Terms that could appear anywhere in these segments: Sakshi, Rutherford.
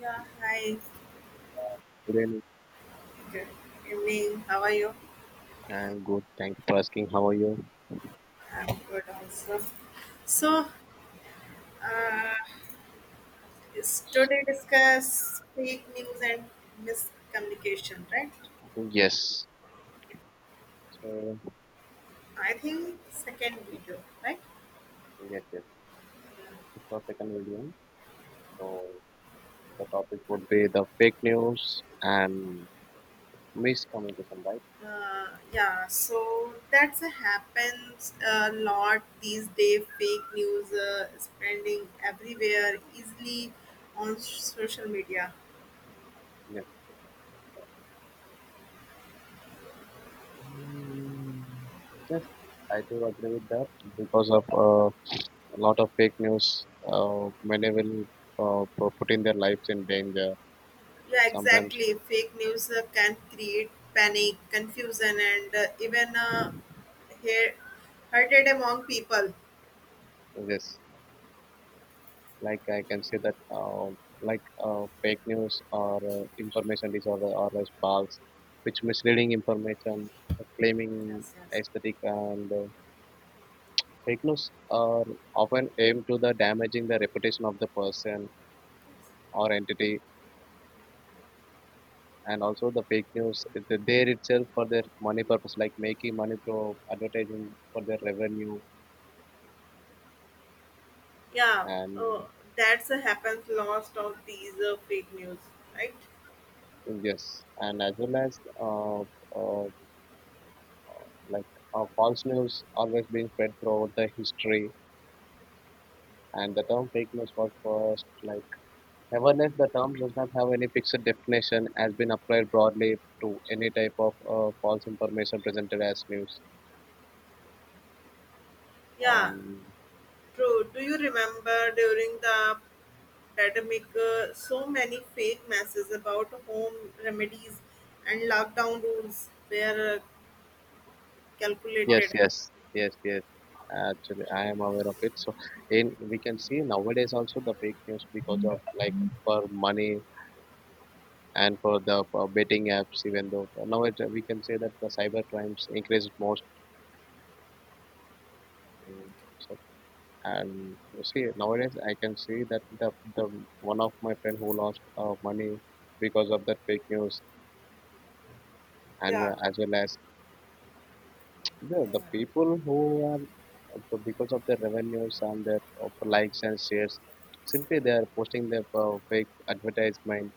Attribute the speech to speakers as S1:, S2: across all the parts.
S1: Yeah, hi.
S2: Good evening.
S1: Good evening. How are you?
S2: I'm good. Thank you for asking. How are you?
S1: I'm good also. So, uh, is today discuss fake news and miscommunication, right?
S2: Yes. So,
S1: I think second video, right?
S2: yes, yes. It's our second video. So, the topic would be the fake news and miscommunication, right?
S1: Yeah, so that's a happens a lot these days. Fake news spreading everywhere easily on social media.
S2: Yes. Mm, yes, I do agree with that because of a lot of fake news, many will put in their lives in danger.
S1: Yeah,
S2: Sometimes,
S1: exactly. Fake news can create panic, confusion, and even hea- hated among people.
S2: yes. Like, I can say that like fake news or information disorder or as false, which misleading information claiming
S1: Yes, yes.
S2: aesthetic, and fake news are often aimed to the damaging the reputation of the person or entity, and also the fake news is there itself for their money purpose, like making money through advertising for their revenue,
S1: Yeah, uh,
S2: and
S1: that's a happens lost of these fake news, right?
S2: yes, and as well as uh, like false news always being spread throughout the history, and the term fake news was first, like, awareness. The term does not have any fixed definition, has been applied broadly to any type of false information presented as news,
S1: Yeah,
S2: and
S1: true. Do you remember during the pandemic, so many fake messages about home remedies and lockdown rules were
S2: yes,
S1: calculated?
S2: yes, yes, yes, actually I am aware of it. So in, we can see nowadays also the fake news because of, like, for money and for the betting apps, even though nowadays we can say that the cyber crimes increased most. Mm. So, and see, nowadays I can see that the one of my friend who lost money because of that fake news, and
S1: Yeah.
S2: as well as the people who are because of their revenues and their of likes and shares, simply they are posting their fake advertisement.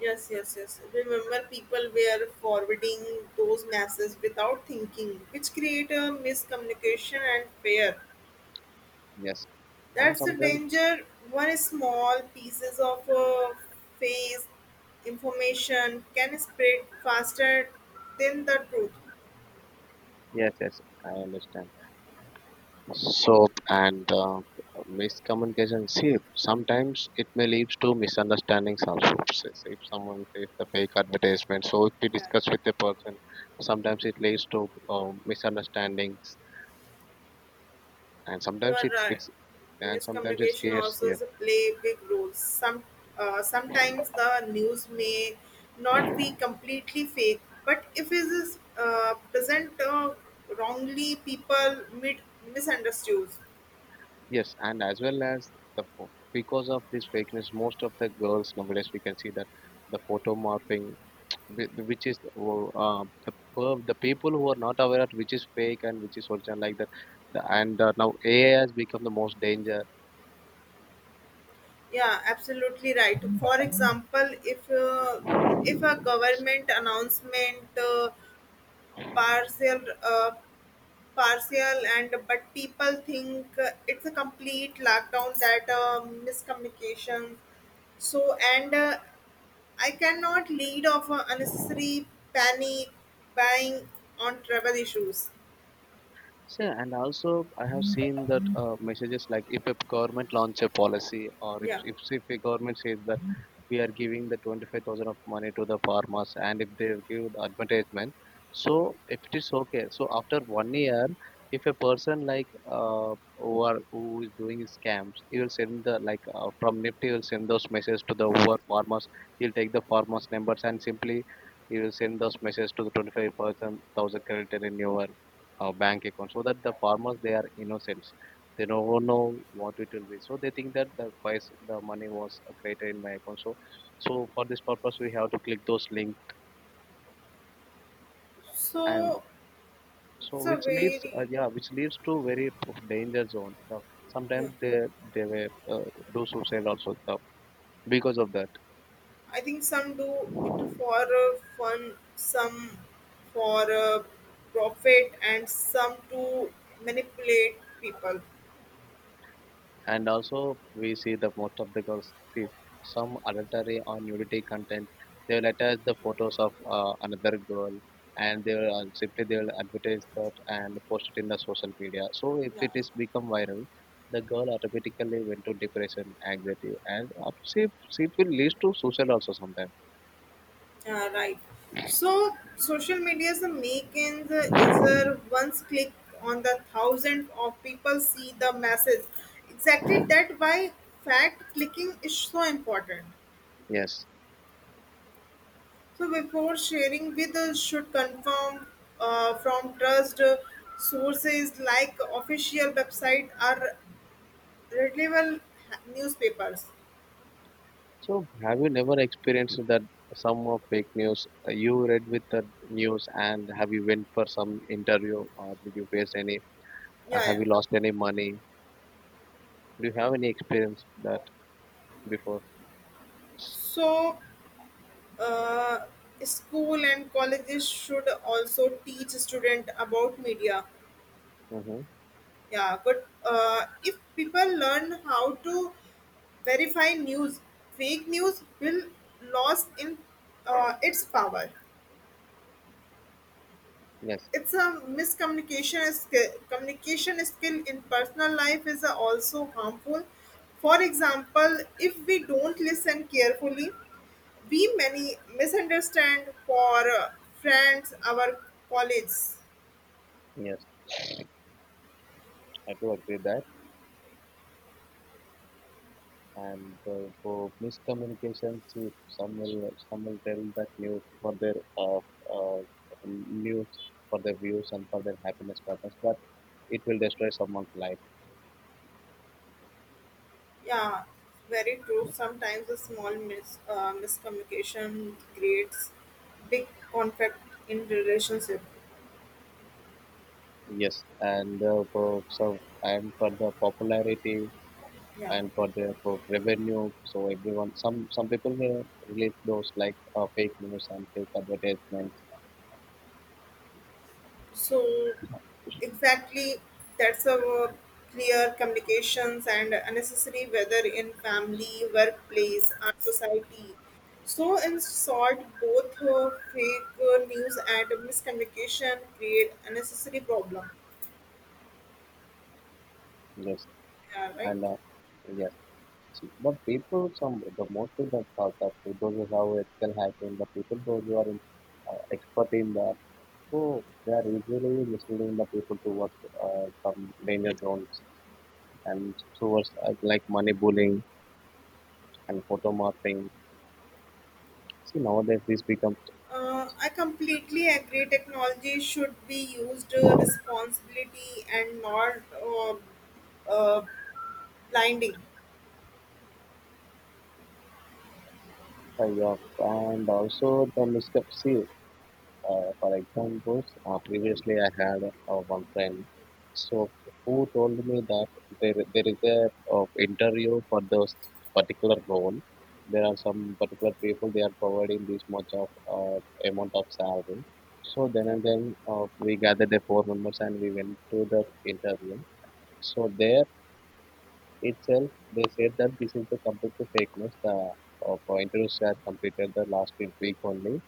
S1: Yes, yes, yes. Remember, people were forwarding those messages without thinking, which create a miscommunication and fear.
S2: Yes, and
S1: That's a
S2: sometimes,
S1: danger. One small pieces of face information can spread faster than the truth.
S2: yes, yes, I understand soap and miscommunication. See, sometimes it may lead to misunderstandings also. Says, if someone says the fake advertisement, so if we
S1: Yeah.
S2: discuss with a person, sometimes it leads to misunderstandings, and
S1: You
S2: sometimes
S1: are
S2: it's
S1: right.
S2: it's and sometimes it
S1: Miscommunication
S2: scares.
S1: also
S2: Yes,
S1: is a play big role. Sometimes the news may not be completely fake, but if it is present wrongly, people mid misunderstood.
S2: yes, and as well as because of this fakeness, most of the girls nowadays we can see that the photo morphing, which is the people who are not aware of which is fake and which is original, like that and now AI has become the most danger.
S1: Yeah, absolutely right. For example, if a government announcement partial uh, partial and but people think it's a complete lockdown, that miscommunication. So and I cannot lead of unnecessary panic buying on travel issues.
S2: So, and also I have seen that messages like, if a government launch a policy, or
S1: Yeah,
S2: if a government says we are giving the 25,000 of money to the farmers, and if they give the advertisement, so if it is okay, so after one year, if a person like who is doing scams, he will send the like, from nifty he will send those messages to the who are farmers. He'll take the farmers numbers and simply he will send those messages to the 25,000% thousand credited in your bank account, so that the farmers they are innocents, they don't know what it will be, so they think that the price the money was created in my account. So so for this purpose we have to click those links, and
S1: so
S2: so
S1: it's a
S2: which leads
S1: very,
S2: yeah, which leads to very danger zone. So sometimes
S1: yeah,
S2: they were, do suicide also. So because of that,
S1: I think some do it for fun, some for profit, and some to manipulate people.
S2: and also we see that most of the girls see some adultery or nudity content, they will attach the photos of another girl, and they will simply they will advertise that and post it in the social media. So if
S1: Yeah.
S2: it is become viral, the girl automatically went to depression, anxiety, and see it will leads to suicide also sometimes.
S1: Yeah, right. So social media's making the is a once click on the thousand of people see the message. Exactly, that why fact clicking is so important.
S2: Yes,
S1: So before sharing with us, should confirm from trust sources like official website or reliable newspapers.
S2: so have you never experienced that some of fake news you read with the news, and have you went for some interview or did you face any?
S1: Yeah,
S2: Have
S1: yeah.
S2: you lost any money? Do you have any experience that before?
S1: So uh, school and colleges should also teach student about media.
S2: Mm-hmm.
S1: Yeah, but if people learn how to verify news, fake news will lose in its power.
S2: Yes,
S1: It's a miscommunication skill. Communication skill in personal life is also harmful. For example, if we don't listen carefully, we many misunderstand for friends, our colleagues.
S2: yes, I do agree that. And for miscommunications, if some will tell that uh, news for their views and for their happiness purpose, but it will destroy someone's life.
S1: Yeah, very true. Sometimes a small miscommunication creates big conflict in relationship.
S2: Yes, and for so and for the popularity
S1: Yeah.
S2: and for revenue, so everyone, some people will release those, like, fake news and fake advertisements.
S1: So, exactly, that's a clear communications and unnecessary whether in family, workplace, and society. So, in short, both fake news and miscommunication create unnecessary problem.
S2: Yes.
S1: Yeah, right.
S2: And yes, but people, some, the most of the thought that people who have ethical hacking, the people those who are in, expert in that, so they are easily misleading the people towards some danger zones and towards like money bullying and photo morphing. So nowadays this becomes
S1: I completely agree. Technology should be used responsibility and not uh, blinding.
S2: yeah, and also the misconception. For examples, previously I had one friend, so who told me that there is a interview for those particular role. There are some particular people, they are providing this much of uh, amount of salary. So then and then we gathered the four members and we went to that interview. So there itself they said that this is the complete fakeness. The interviews had completed the last week only,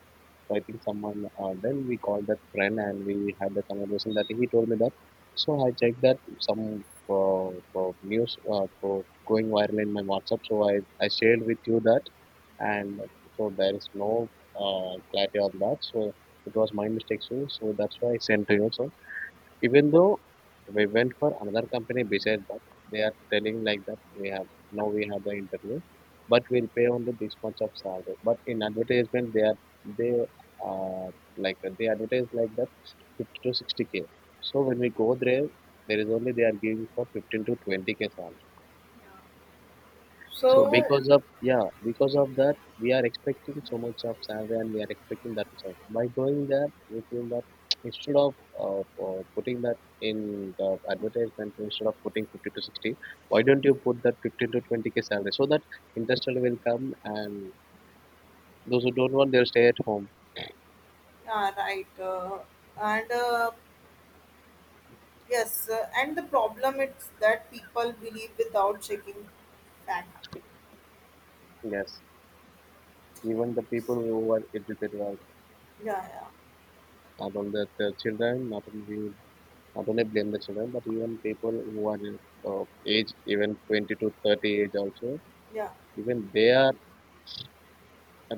S2: so I think someone, then we called that friend and we had the conversation that he told me that. So I checked that some news for going viral in my WhatsApp. So I shared with you that, and so there is no clarity on that. So it was my mistake. So that's why I sent to you. So even though we went for another company besides that, they are telling like that we have the interview, but we'll pay only this much of salary. But in advertisement, they are they uh like they advertise like that 50 to 60K. So when we go there, there is only they are giving for 15 to 20K salary. So
S1: So,
S2: because of yeah, because of that, we are expecting so much of salary, and we are expecting that result. By going there, we feel that instead of putting that in the advertisement, instead of putting 50 to 60, why don't you put that 15 to 20K salary, so that industrial will come and those who don't want, they'll stay at home.
S1: yeah, right. And yes, and the problem is that people believe without checking fact.
S2: Yes, even the people who are educated also,
S1: Yeah, yeah,
S2: not only the children, not only blame the children, but even people who are age, even 20 to 30 age also,
S1: yeah,
S2: even they are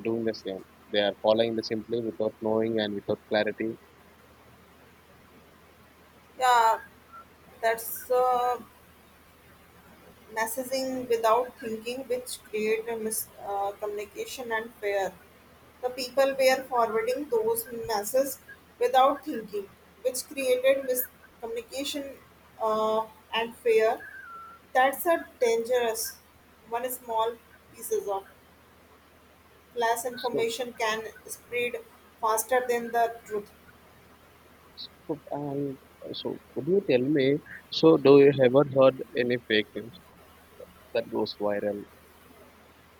S2: doing the same. They are following the simply without knowing and without clarity.
S1: yeah. That's Messaging without thinking, which create a communication and fear. The people were forwarding those messages without thinking, which created miscommunication uh, and fear. That's a dangerous one. Small pieces of false
S2: So,
S1: information can spread faster than the truth.
S2: so and so, could you tell me? So, do you ever heard any fake news that goes viral?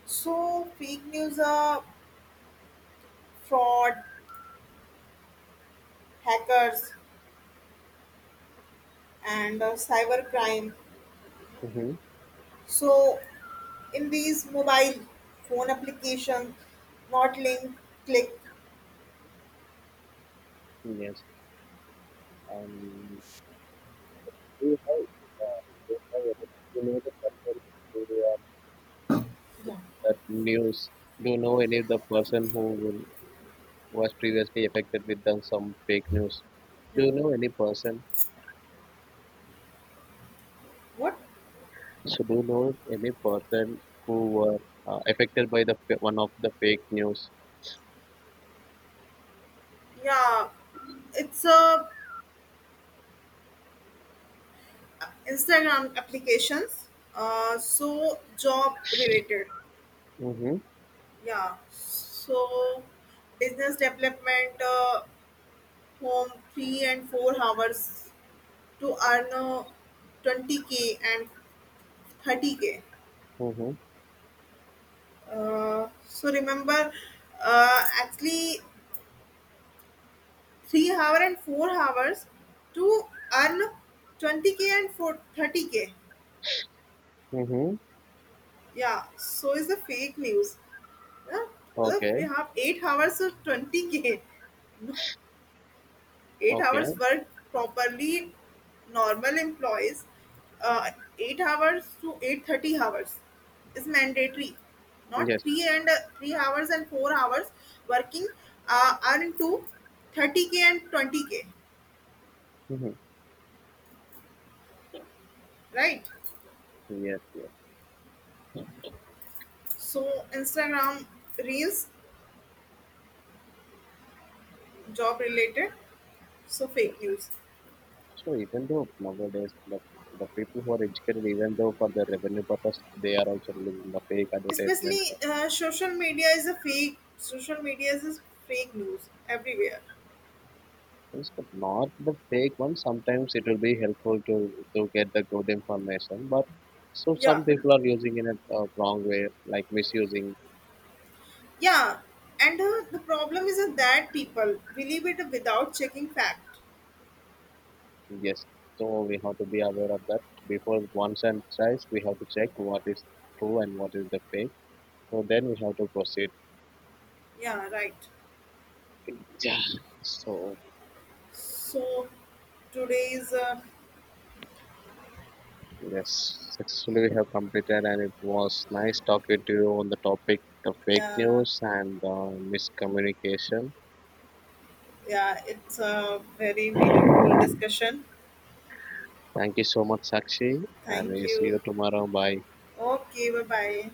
S1: So, fake news, are fraud, hackers, and cyber crime.
S2: Mm-hmm.
S1: So, in these mobile phone applications, not link, click.
S2: Yes, and do you have, uh, do you have do you know the person who are
S1: Yeah,
S2: that news? Do you know any of the person who was previously affected with them some fake news? Do
S1: yeah.
S2: you know any person
S1: What?
S2: So do you know any person who were affected by one of the fake news?
S1: Yeah, it's a Instagram applications. So job related.
S2: Mm-hmm.
S1: Yeah. So business development. Home 3 and 4 hours to earn 20k and 30k.
S2: Mm-hmm.
S1: So remember Actually 3 hour and 4 hours to earn 20k and for 30k.
S2: Mm-hmm.
S1: Yeah, so is the fake news. Yeah,
S2: Okay.
S1: we have 8 hours of 20k. 8
S2: Okay.
S1: hours work properly, normal employees, uh, 8 hours to 8:30 hours is mandatory, not
S2: Yes.
S1: 3 and 3 hours and 4 hours working, are into 30k and 20k,
S2: Mm-hmm.
S1: right?
S2: Yes. Yes.
S1: So Instagram reels, job related, so
S2: Yes.
S1: fake news.
S2: So even though nowadays the people who are educated, even though for the revenue purpose, they are also using the fake advertisement.
S1: Especially social media is a fake social media is a fake news everywhere.
S2: Yes, but not the fake one. Sometimes it will be helpful to get the good information, but so some
S1: Yeah.
S2: people are using in a wrong way, like misusing.
S1: Yeah, and the problem is that people believe it without checking fact.
S2: Yes, so we have to be aware of that. Before one says, we have to check what is true and what is the fake. So then we have to proceed.
S1: Yeah, right.
S2: Yeah. So
S1: So today's,
S2: yes, successfully we have completed, and it was nice talking to you on the topic of fake
S1: yeah,
S2: news and miscommunication.
S1: yeah, it's a very meaningful discussion.
S2: Thank you so much, Sakshi, and
S1: Thank
S2: we see
S1: you.
S2: you tomorrow. Bye.
S1: Okay, bye bye.